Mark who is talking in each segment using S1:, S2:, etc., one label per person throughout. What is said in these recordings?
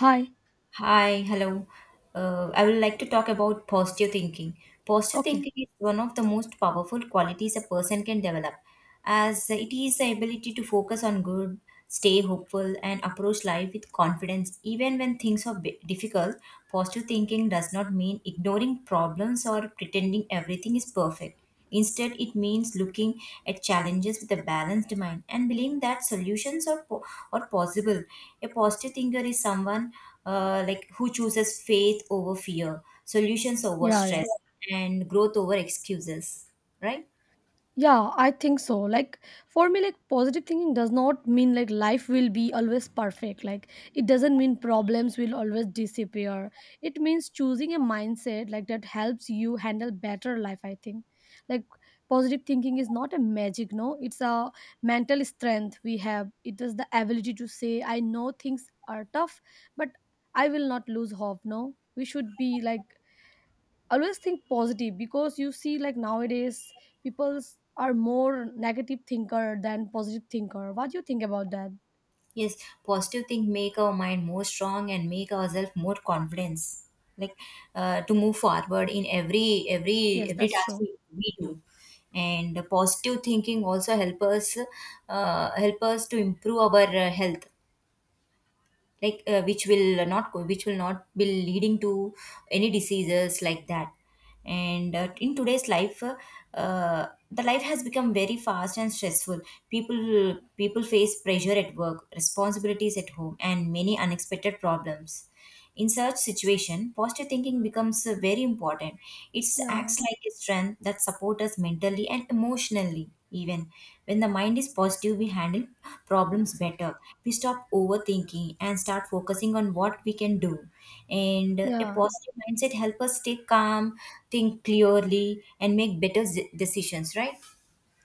S1: Hi.
S2: Hi, hello. I would like to talk about positive thinking. Positive
S1: Okay.
S2: thinking is one of the most powerful qualities a person can develop, as it is the ability to focus on good, stay hopeful, and approach life with confidence. Even when things are difficult, positive thinking does not mean ignoring problems or pretending everything is perfect. Instead, it means looking at challenges with a balanced mind and believing that are possible. A positive thinker is someone who chooses faith over fear, solutions over
S1: Yeah, yeah.
S2: stress, and growth over excuses. Right?
S1: Yeah, I think so. Like for me, like positive thinking does not mean like life will be always perfect. Like it doesn't mean problems will always disappear. It means choosing a mindset like that helps you handle better life, I think. Like positive thinking is not a magic, no. It's a mental strength we have. It is the ability to say, I know things are tough, but I will not lose hope, no. We should be like always think positive because you see like nowadays people are more negative thinker than positive thinker. What do you think about that?
S2: Yes, positive thing make our mind more strong and make ourselves more confidence, like to move forward in every every
S1: Yes,
S2: every
S1: that's
S2: task
S1: true.
S2: we do. And the positive thinking also help us to improve our health, like which will not be leading to any diseases like that. And in today's life, uh, the life has become very fast and stressful. People face pressure at work, responsibilities at home, and many unexpected problems. In such situation, positive thinking becomes very important. It
S1: Yeah,
S2: acts like a strength that supports us mentally and emotionally. Even when the mind is positive, we handle problems better. We stop overthinking and start focusing on what we can do. And a
S1: yeah.
S2: positive mindset helps us stay calm, think clearly, and make better decisions. Right?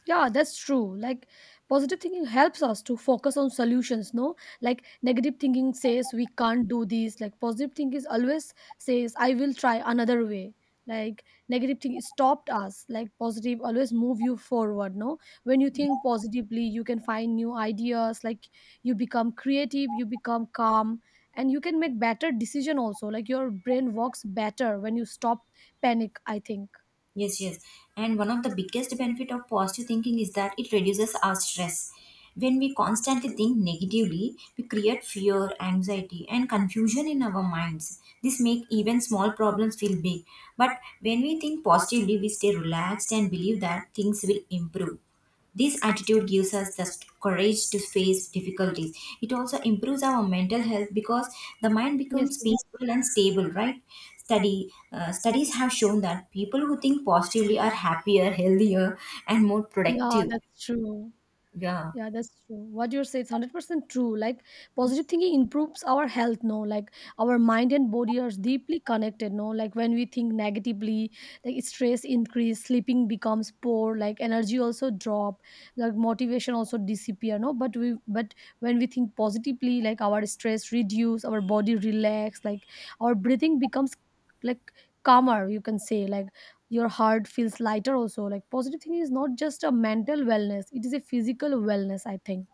S1: Yeah, that's true. Like positive thinking helps us to focus on solutions, no? Like negative thinking says we can't do this. Like positive thinking is always says I will try another way. Like negative thing stopped us. Like positive always move you forward, no? When you think positively, you can find new ideas, like you become creative, you become calm, and you can make better decision also. Like your brain works better when you stop panic, I think.
S2: Yes, yes. And one of the biggest benefit of positive thinking is that it reduces our stress. When we constantly think negatively, we create fear, anxiety, and confusion in our minds. This make even small problems feel big. But when we think positively, we stay relaxed and believe that things will improve. This attitude gives us the courage to face difficulties. It also improves our mental health because the mind
S1: Yes,
S2: becomes
S1: yes.
S2: peaceful and stable, right? Study Studies have shown that people who think positively are happier, healthier, and more
S1: Yeah,
S2: productive.
S1: that's true.
S2: Yeah.
S1: Yeah, that's true. What you say is 100% true. Like positive thinking improves our health. No, like our mind and body are deeply connected. No, like when we think negatively, like stress increase, sleeping becomes poor, like energy also drop, like motivation also disappear. No, but when we think positively, like our stress reduce, our body relax, like our breathing becomes like calmer. You can say like your heart feels lighter also. Like positive thinking is not just a mental wellness, it is a physical wellness, I think.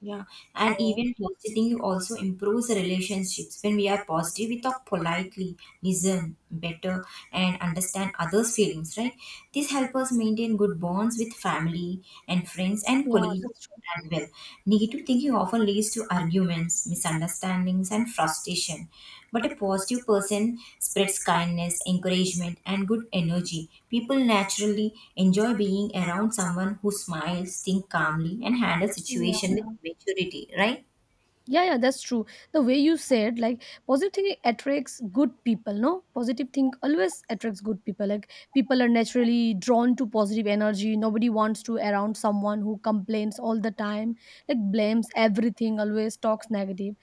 S2: Yeah, and
S1: So
S2: even positing you also improves the relationships. When we are positive, we talk politely, listen better, and understand others' feelings, right? This helps us maintain good bonds with family and friends and
S1: yeah, that's
S2: colleagues
S1: true.
S2: as well. Negative thinking often leads to arguments, misunderstandings, and frustration. But a positive person spreads kindness, encouragement, and good energy. People naturally enjoy being around someone who smiles, thinks calmly, and handles
S1: Yeah,
S2: situation with
S1: yeah.
S2: maturity. Right?
S1: Yeah, yeah, that's true. The way you said, like, positive thinking attracts good people, no? Positive think always attracts good people. Like, people are naturally drawn to positive energy. Nobody wants to around someone who complains all the time, like, blames everything, always talks negative.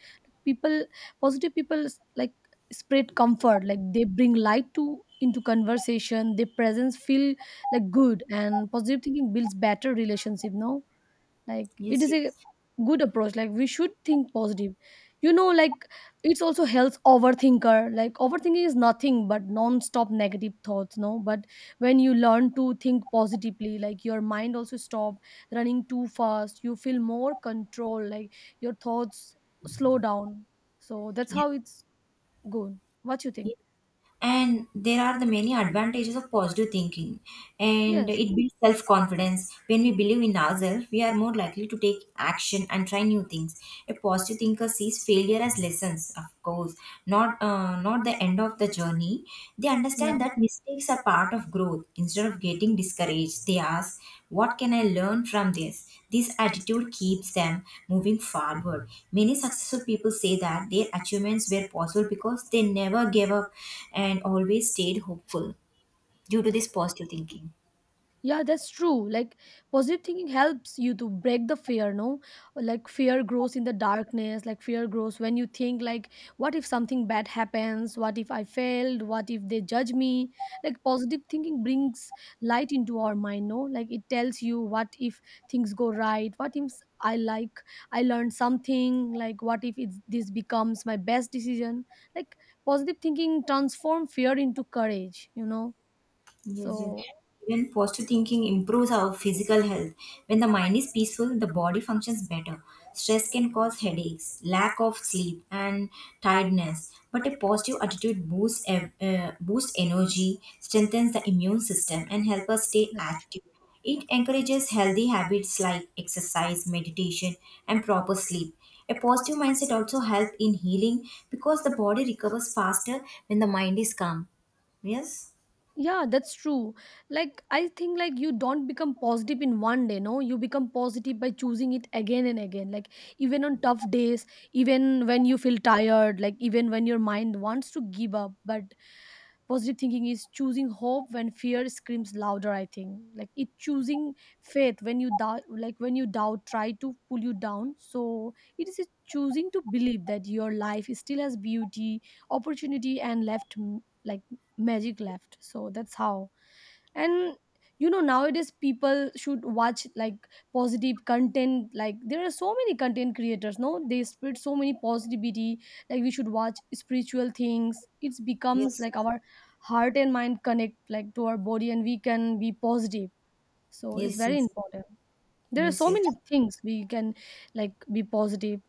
S1: People, positive people, like, spread comfort. Like, they bring light to into conversation. Their presence feel like good, and positive thinking builds better relationship, no? Like it
S2: Yes.
S1: is
S2: Yes.
S1: a good approach. Like we should think positive, you know. Like it's also helps overthinker. Like overthinking is nothing but non-stop negative thoughts, no, but when you learn to think positively, like your mind also stop running too fast. You feel more control. Like your thoughts slow down. So that's how it's good. What you think?
S2: Yes. And there are the many advantages of positive thinking, and
S1: Yes.
S2: it builds self-confidence. When we believe in ourselves, we are more likely to take action and try new things. A positive thinker sees failure as lessons, of course, not the end of the journey. They
S1: Yeah.
S2: understand that mistakes are part of growth. Instead of getting discouraged, they ask, what can I learn from this? This attitude keeps them moving forward. Many successful people say that their achievements were possible because they never gave up and always stayed hopeful due to this positive thinking.
S1: Yeah, that's true. Like positive thinking helps you to break the fear, no? Like fear grows in the darkness, like fear grows when you think like what if something bad happens? What if I failed? What if they judge me? Like positive thinking brings light into our mind, no? Like it tells you what if things go right? What if I like I learned something? Like what if it's, this becomes my best decision? Like positive thinking transform fear into courage, you know?
S2: Yes, yes.
S1: So
S2: Even positive thinking improves our physical health. When the mind is peaceful, the body functions better. Stress can cause headaches, lack of sleep, and tiredness. But a positive attitude boosts energy, strengthens the immune system, and helps us stay
S1: that's
S2: active. It encourages healthy habits like exercise, meditation, and proper sleep. A positive mindset also helps in healing because the body recovers faster when the mind is calm. Yes.
S1: yeah, that's true. Like I think like you don't become positive in one day, no. You become positive by choosing it again and again, like even on tough days, even when you feel tired, like even when your mind wants to give up, but positive thinking is choosing hope when fear screams louder, I think. Like it choosing faith when you doubt, like when you doubt try to pull you down. So it is a choosing to believe that your life still has beauty, opportunity and left, like magic left. So that's how. And you know, nowadays people should watch like positive content. Like there are so many content creators, no, they spread so many positivity. Like we should watch spiritual things. It becomes
S2: Yes.
S1: like our heart and mind connect like to our body, and we can be positive. So it's
S2: Yes,
S1: very
S2: yes,
S1: important. There are
S2: yes,
S1: so
S2: yes,
S1: many things we can like be positive,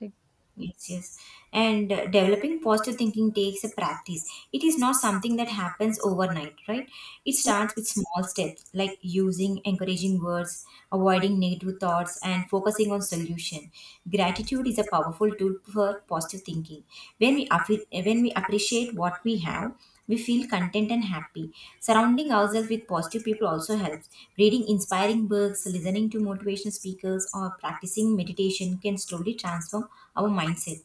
S1: like
S2: yes, yes. And developing positive thinking takes a practice. It is not something that happens overnight, right? It
S1: yeah,
S2: starts with small steps like using encouraging words, avoiding negative thoughts, and focusing on solution. Gratitude is a powerful tool for positive thinking. When we appreciate what we have, we feel content and happy. Surrounding ourselves with positive people also helps. Reading inspiring books, listening to motivational speakers, or practicing meditation can slowly transform our mindset.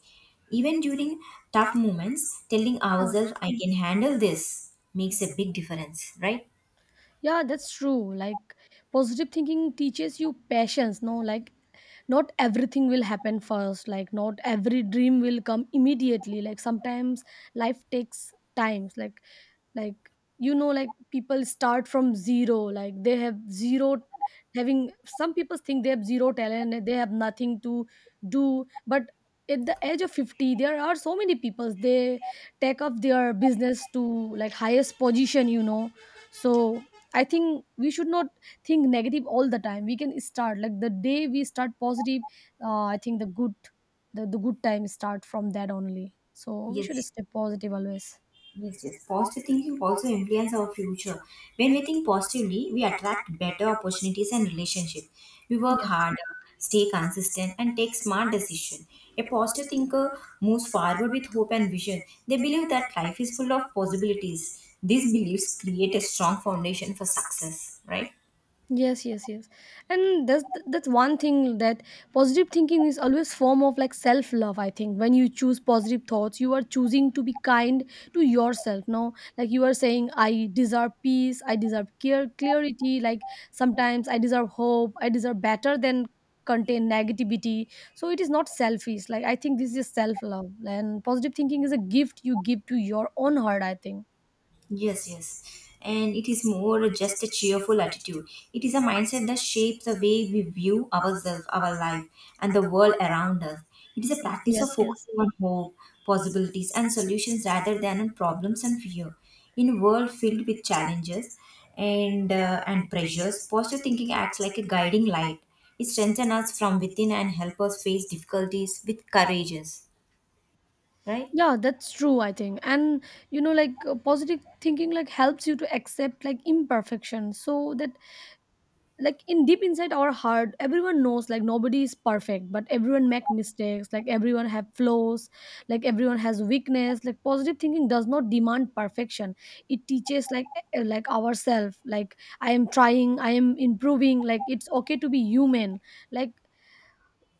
S2: Even during tough moments, telling
S1: yeah.
S2: ourselves, I can handle this, makes a big difference, right?
S1: Yeah, that's true. Like positive thinking teaches you patience, no? Like not everything will happen first, like not every dream will come immediately. Like sometimes life takes times, like you know, like people start from zero, like they have zero, having some people think they have zero talent and they have nothing to do, but at the age of 50 there are so many people, they take up their business to like highest position, you know. So I think we should not think negative all the time. We can start like the day we start positive. I think the good, the good time start from that only. So we should
S2: Yes.
S1: stay positive always.
S2: Yes, yes. Positive thinking also influence our future. When we think positively, we attract better opportunities and relationships. We work
S1: Yes,
S2: harder, stay consistent, and take smart decisions. A positive thinker moves forward with hope and vision. They believe that life is full of possibilities. These beliefs create a strong foundation for success, right?
S1: yes, yes, yes. And that's one thing that positive thinking is always form of like self love, I think. When you choose positive thoughts, you are choosing to be kind to yourself, no? Like you are saying I deserve peace, I deserve clear clarity, like sometimes I deserve hope, I deserve better than contain negativity. So it is not selfish. Like I think this is self love, and positive thinking is a gift you give to your own heart, I think.
S2: Yes, yes. And it is more just a cheerful attitude. It is a mindset that shapes the way we view ourselves, our life, and the world around us. It is a practice of
S1: Yes, yes.
S2: focusing on hope, possibilities, and solutions rather than on problems and fear. In a world filled with challenges and pressures, positive thinking acts like a guiding light. It strengthens us from within and helps us face difficulties with courage. Right?
S1: Yeah, that's true, I think. And you know, like positive thinking like helps you to accept like imperfection, so that like in deep inside our heart everyone knows like nobody is perfect, but everyone make mistakes, like everyone have flaws, like everyone has weakness. Like positive thinking does not demand perfection. It teaches like ourselves, like I am trying, I am improving. Like it's okay to be human. Like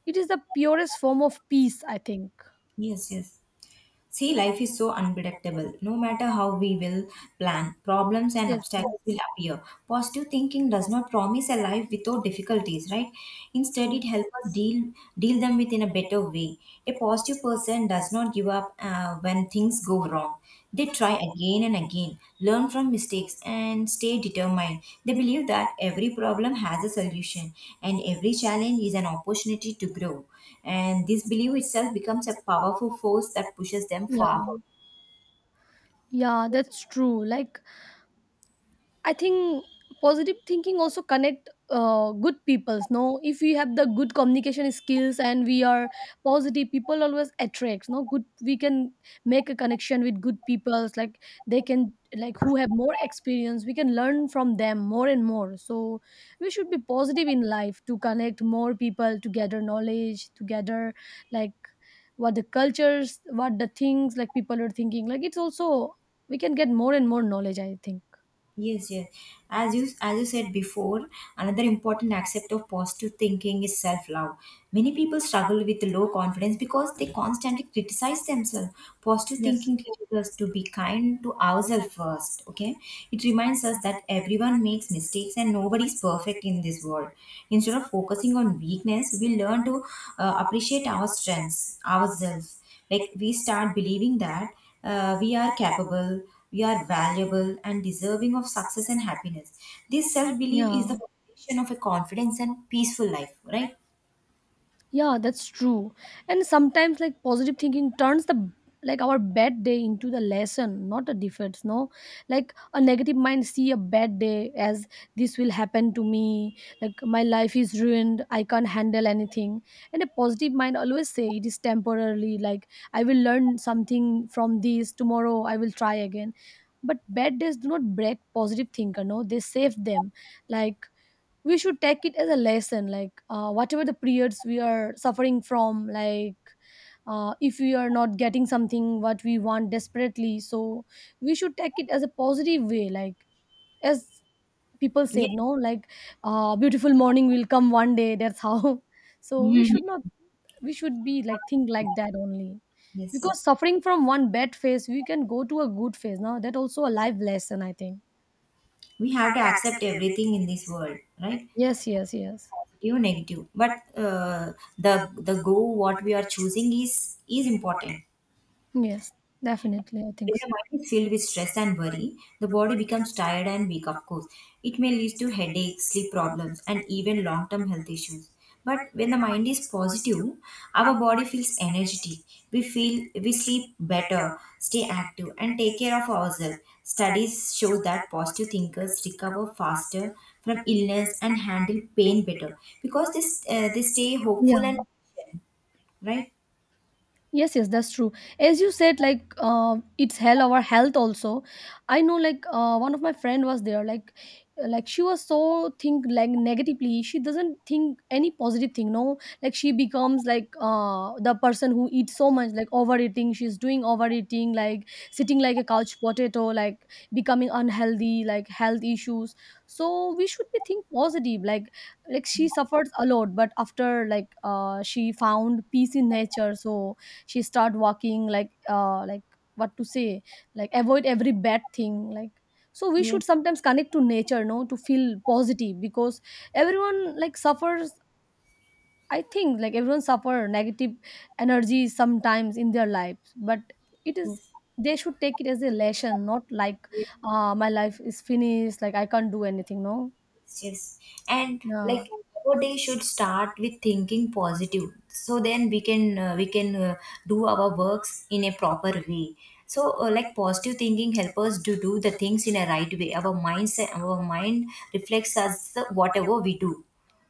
S1: it is the purest form of peace, I think.
S2: Yes, yes. See, life is so unpredictable. No matter how we will plan, problems and
S1: Yes, yes,
S2: obstacles will appear. Positive thinking does not promise a life without difficulties, right? Instead, it
S1: yes,
S2: helps us deal them with in a better way. A positive person does not give up when things go wrong. They try again and again, learn from mistakes, and stay determined. They believe that every problem has a solution and every challenge is an opportunity to grow. And this belief itself becomes a powerful force that pushes them
S1: yeah.
S2: forward.
S1: Yeah, that's true. Like I think positive thinking also connect good peoples. No, if we have the good communication skills and we are positive, people always attracts. No, good we can make a connection with good peoples. Like they can like who have more experience. We can learn from them more and more. So we should be positive in life to connect more people, to gather knowledge, to gather like what the cultures, what the things like people are thinking. Like it's also we can get more and more knowledge, I think.
S2: Yes, yes. As you said before, another important aspect of positive thinking is self-love. Many people struggle with low confidence because they constantly criticize themselves. Positive
S1: Yes.
S2: thinking teaches us to be kind to ourselves first. Okay, it reminds us that everyone makes mistakes and nobody is perfect in this world. Instead of focusing on weakness, we learn to appreciate our strengths ourselves. Like we start believing that we are capable, we are valuable, and deserving of success and happiness. This self belief is the
S1: Yeah,
S2: foundation of a confidence and peaceful life, right?
S1: yeah, that's true. And sometimes, like positive thinking turns the like our bad day into the lesson, not a defeat. No, like a negative mind see a bad day as this will happen to me. Like my life is ruined. I can't handle anything. And a positive mind always say it is temporarily. Like I will learn something from this tomorrow. I will try again. But bad days do not break positive thinker. No, they save them. Like we should take it as a lesson, like whatever the periods we are suffering from, like if we are not getting something what we want desperately, so we should take it as a positive way. Like as people
S2: Yes.
S1: said, no, like beautiful morning will come one day, that's how so we
S2: Mhm.
S1: should not, we should be like think like that only,
S2: Yes,
S1: because
S2: yes.
S1: suffering from one bad phase we can go to a good phase now, that also a life lesson, I think.
S2: We have to accept everything in this world, right?
S1: Yes, yes, yes,
S2: Positive, negative. But uh, the the goal what we are choosing is important.
S1: yes, definitely, I think
S2: When
S1: so.
S2: the mind is filled with stress and worry, the body becomes tired and weak, of course. It may lead to headaches, sleep problems, and even long term health issues. But when the mind is positive, our body feels energetic. We feel we sleep better, stay active, and take care of ourselves. Studies show that positive thinkers recover faster from illness and handle pain better because this they stay hopeful and
S1: 그냥.
S2: right.
S1: Yes, yes, that's true. As you said, like it's hell our health also. I know, like one of my friend was there, like she was so think like negatively. She doesn't think any positive thing, no. Like she becomes like the person who eats so much, like overeating, she's doing overeating, like sitting like a couch potato, like becoming unhealthy, like health issues. So we should be think positive, like she suffers a lot, but after like she found peace in nature. So she start walking like what to say, like avoid every bad thing like. So we should
S2: Yes,
S1: sometimes connect to nature, no, to feel positive, because everyone like suffers. I think like everyone suffer negative energy sometimes in their lives, but it is
S2: yes.
S1: they should take it as a lesson, not like my life is finished, like I can't do anything, no.
S2: Yes. And
S1: Yeah,
S2: like our day should start with thinking positive. So then we can do our works in a proper way. So like positive thinking help us to do the things in a right way. Our mind reflects us whatever we do,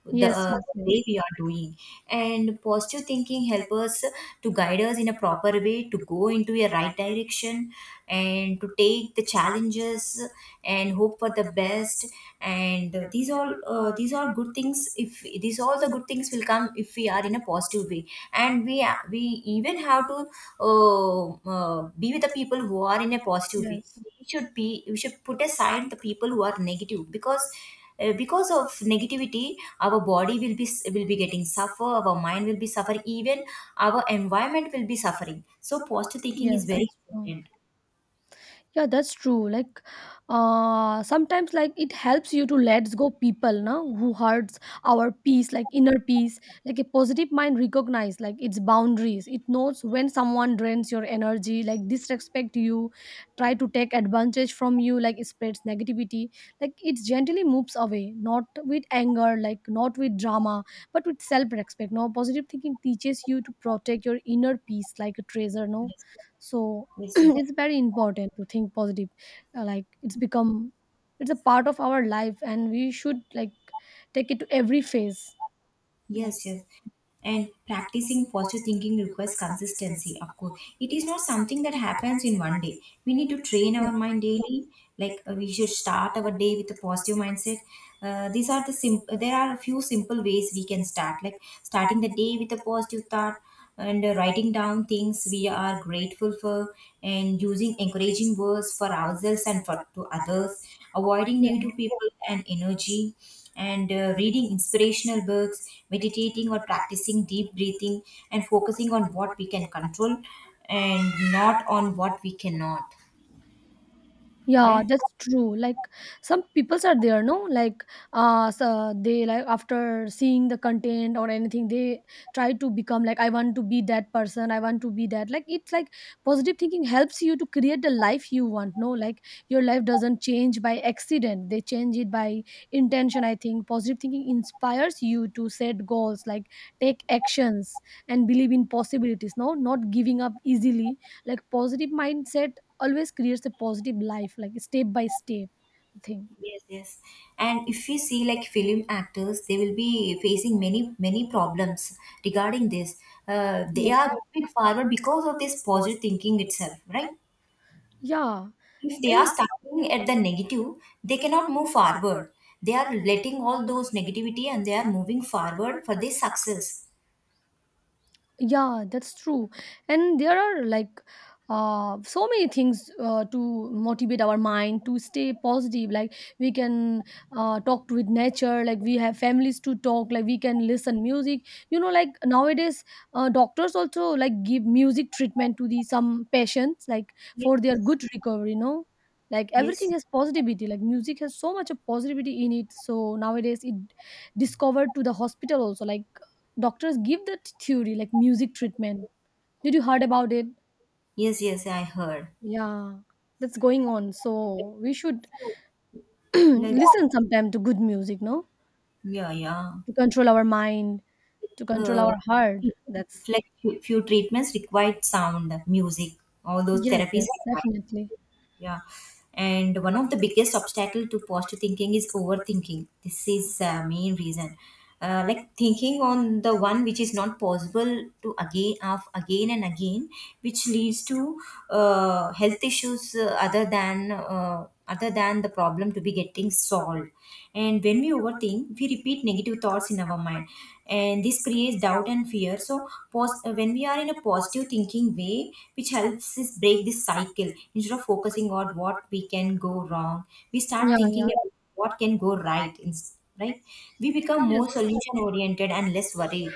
S1: yes, yes,
S2: the
S1: yes,
S2: way we are doing. And positive thinking help us to guide us in a proper way, to go into a right direction, and to take the challenges, and hope for the best. And these are good things. If the good things will come if we are in a positive way. And we even have to, uh, be with the people who are in a positive way.
S1: yes.
S2: We should put aside the people who are negative, because of negativity our body will be getting suffer, our mind will be suffering, even our environment will be suffering. So positive thinking
S1: Yes,
S2: is very
S1: that's true.
S2: important.
S1: Yeah, that's true. Like sometimes like it helps you to let go people now who hurts our peace, like inner peace. Like a positive mind recognize like its boundaries. It knows when someone drains your energy, like disrespect you, try to take advantage from you, like it spreads negativity, like it gently moves away, not with anger, like not with drama, but with self-respect, no. Positive thinking teaches you to protect your inner peace like a treasure, no. So
S2: Yes, yes,
S1: it's
S2: yes.
S1: very important to think positive. Like it's become, it's a part of our life and we should like take it to every phase, like
S2: Yes, yes. And practicing positive thinking requires consistency, of course. It is not something that happens in one day. We need to train
S1: yes, yeah.
S2: our mind daily. Like we should start our day with a positive mindset. These are the simple. There are a few simple ways we can start, like starting the day with a positive thought, and writing down things we are grateful for, and using encouraging words for ourselves and for to others, avoiding negative people and energy, and reading inspirational books, meditating or practicing deep breathing, and focusing on what we can control and not on what we cannot.
S1: Yeah,
S2: Right?
S1: that's true. Like some peoples are there, no? Like so they like after seeing the content or anything, they try to become like I want to be that person, I want to be that. Like it's like positive thinking helps you to create the life you want, no? Like your life doesn't change by accident. They change it by intention, I think. Positive thinking inspires you to set goals, like take actions and believe in possibilities, no? Not giving up easily. Like positive mindset always creates a positive life like step by step thing.
S2: Yes, yes. And if you see like film actors, they will be facing many, many problems regarding this. They
S1: Yes,
S2: are
S1: yes,
S2: moving forward because of this positive thinking itself, right?
S1: yeah,
S2: If they are
S1: and
S2: starting at the negative, they cannot move forward. They are letting all those negativity and they are moving forward for this success.
S1: yeah, that's true. And there are like so many things to motivate our mind to stay positive. Like we can talk with nature. Like we have families to talk. Like we can listen music. You know, like nowadays, doctors also like give music treatment to the some patients like
S2: Yes,
S1: for their
S2: yes,
S1: good recovery. You know, like everything
S2: yes,
S1: has positivity. Like music has so much of positivity in it. So nowadays, it discovered to the hospital also. Like doctors give that theory like music treatment. Did you heard about it?
S2: yes. Yes, I heard.
S1: Yeah, that's going on. So we should
S2: Like,
S1: listen sometime to good music, no?
S2: yeah, yeah.
S1: To control our mind, to control
S2: uh,
S1: our heart. That's
S2: like few treatments required sound, music, all those
S1: yes,
S2: therapies
S1: yes,
S2: are required.
S1: definitely.
S2: Yeah, and one of the biggest obstacle to positive thinking is overthinking. This is main reason. Like thinking on the one which is not possible to again of again and again, which leads to health issues other than the problem to be getting solved. And when we overthink, we repeat negative thoughts in our mind, and this creates doubt and fear. So when we are in a positive thinking way, which helps us break this cycle, instead of focusing on what we can go wrong, we start
S1: Yeah,
S2: thinking
S1: yeah.
S2: about what can go right, right. We become
S1: Yes,
S2: more
S1: that's
S2: solution oriented and less worried.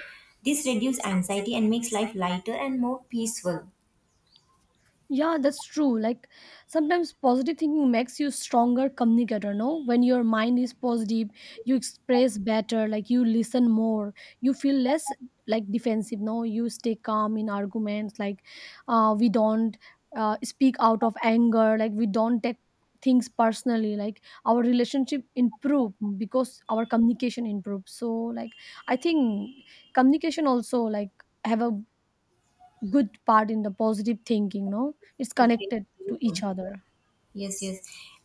S2: This reduces anxiety and makes life lighter and more peaceful.
S1: yeah, that's true. Like sometimes positive thinking makes you stronger communicator, no? When your mind is positive, you express better, like you listen more, you feel less like defensive, no? You stay calm in arguments, like we don't speak out of anger, like we don't take things personally, like our relationship improve because our communication improves. So like I think communication also like have a good part in the positive thinking, no, it's connected to each other.
S2: Yes, yes.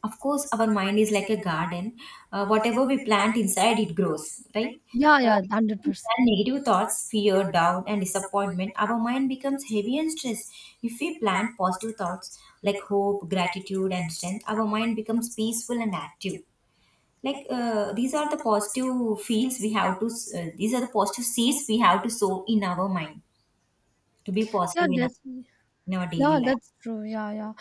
S2: Of course, our mind is like a garden. Whatever we plant inside, it grows, right?
S1: Yeah,
S2: Uh,
S1: yeah,
S2: if we
S1: 100%.
S2: plant negative thoughts, fear, doubt, and disappointment, our mind becomes heavy and stressed. If we plant positive thoughts like hope, gratitude, and strength, our mind becomes peaceful and active. Like these are the positive fields we have to. S- These are the positive seeds we have to sow in our mind to be
S1: Yeah,
S2: positive in
S1: that's
S2: in our daily
S1: yeah,
S2: life.
S1: that's true, yeah, yeah.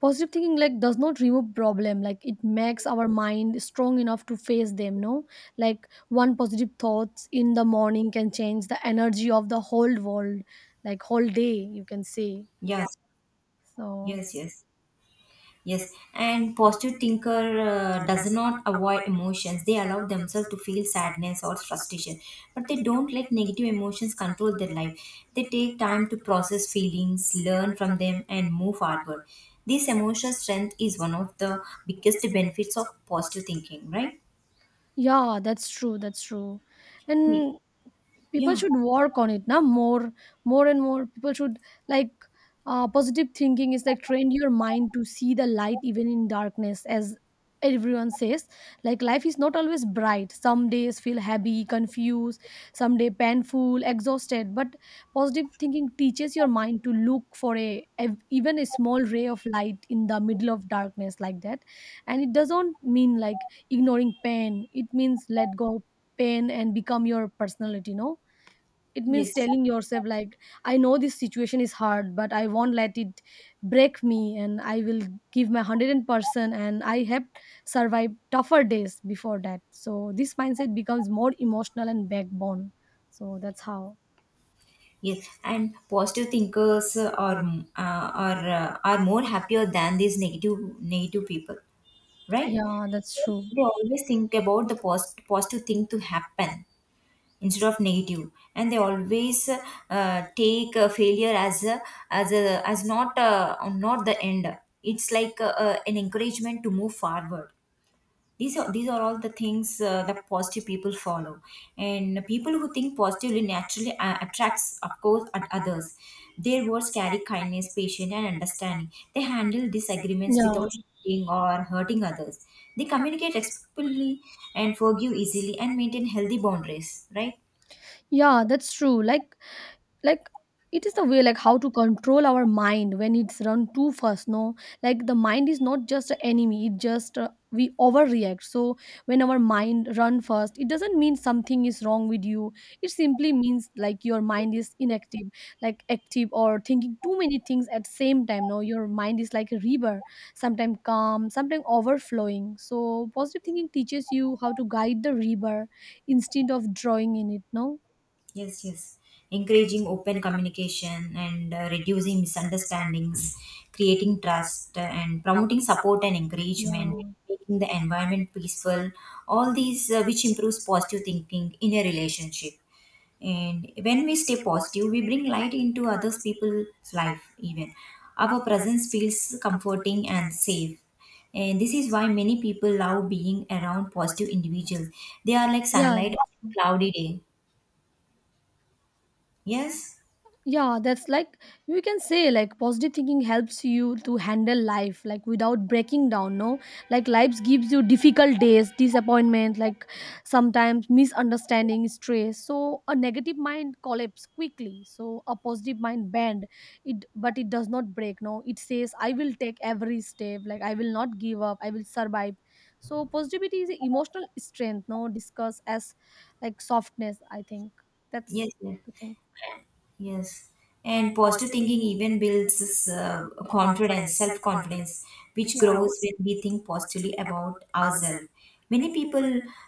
S1: Positive thinking like does not remove problem, like it makes our mind strong enough to face them, no. Like one positive thoughts in the morning can change the energy of the whole world, like whole day, you can say.
S2: Yes,
S1: So
S2: yes, yes. Yes, and positive thinker does not avoid emotions. They allow themselves to feel sadness or frustration, but they don't let negative emotions control their life. They take time to process feelings, learn from them, and move forward. This emotional strength is one of the biggest benefits of positive thinking, right?
S1: yeah, that's true, that's true.
S2: Ye-
S1: And people
S2: Yeah.
S1: should work on it now more, more and more people should, like, positive thinking is like train your mind to see the light even in darkness, as everyone says. Like life is not always bright, some days feel heavy, confused, some day painful, exhausted, but positive thinking teaches your mind to look for a even a small ray of light in the middle of darkness like that. And it doesn't mean like ignoring pain, it means let go of pain and become your personality, no. It means
S2: Yes.
S1: telling yourself like I know this situation is hard, but I won't let it break me, and I will give my 100%, and I have survived tougher days before that. So this mindset becomes more emotional and backbone. So that's how.
S2: Yes, and positive thinkers are more happier than these negative people, right?
S1: Yeah, that's true,
S2: They always think about the positive thing to happen instead of negative, and they always take failure as not not the end. It's like an encouragement to move forward. These are all the things that positive people follow. And people who think positively naturally attracts of course at others. Their words carry kindness, patience, and understanding. They handle disagreements
S1: yeah,
S2: without shouting or hurting others. They communicate respectfully and forgive easily and maintain healthy boundaries, right?
S1: yeah, that's true. Like it is the way like how to control our mind when it's run too fast, no. Like the mind is not just an enemy, it just we overreact. So when our mind run fast, it doesn't mean something is wrong with you, it simply means like your mind is inactive, like active or thinking too many things at same time, no. Your mind is like a river, sometimes calm, sometimes overflowing. So positive thinking teaches you how to guide the river instead of drawing in it, no.
S2: Yes, yes. Encouraging open communication and reducing misunderstandings, creating trust and promoting support and encouragement,
S1: Yeah,
S2: making the environment peaceful, all these which improves positive thinking in a relationship. And when we stay positive, we bring light into others people's life even. Our presence feels comforting and safe. And this is why many people love being around positive individuals. They are like
S1: yeah,
S2: sunlight on
S1: that's
S2: a
S1: true.
S2: cloudy day. Yes?
S1: Yeah, that's like, you can say like positive thinking helps you to handle life like without breaking down, no? Like life gives you difficult days, disappointment, like sometimes misunderstanding, stress. So a negative mind collapse quickly. So a positive mind bend it, but it does not break, no. It says I will take every step, like I will not give up, I will survive. So positivity is emotional strength, no, discuss as like softness, I think. That's
S2: Нет.
S1: the thing.
S2: Yes, and positive thinking even builds this, confidence, self confidence, which
S1: Yeah.
S2: grows when we think positively about ourselves. Many people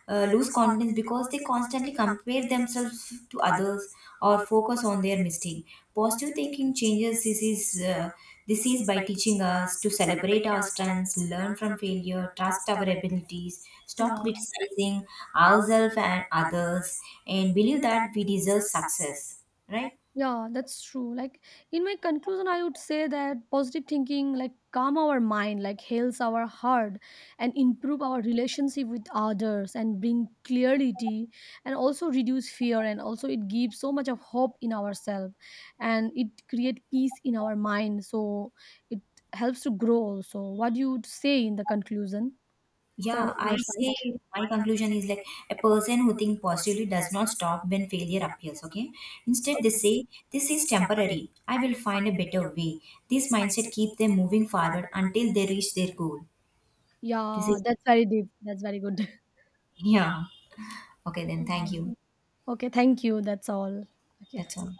S2: lose confidence because they constantly compare themselves to others or focus on their mistake. Positive thinking changes this is by teaching us to celebrate our strengths, learn from failure, trust our abilities, stop
S1: Yeah.
S2: criticizing ourselves and others, and believe that we deserve success, right?
S1: Yeah, that's true. Like in my conclusion, I would say that positive thinking like calm our mind, like heals our heart and improve our relationship with others and bring clarity and also reduce fear and also it gives so much of hope in ourselves and it create peace in our mind. So it helps to grow. So what do you would say in the conclusion
S2: Yeah,
S1: for your
S2: I say
S1: side?
S2: my conclusion is like a person who think positively does not stop when failure appears, okay? Instead they
S1: Okay.
S2: say this is temporary, I will find a better way. This mindset keep them moving forward until they reach their goal. This
S1: Yeah,
S2: is,
S1: that's very deep. That's very good.
S2: yeah, okay then, thank
S1: Yeah.
S2: you.
S1: Okay, thank you. That's all. Okay.
S2: That's all.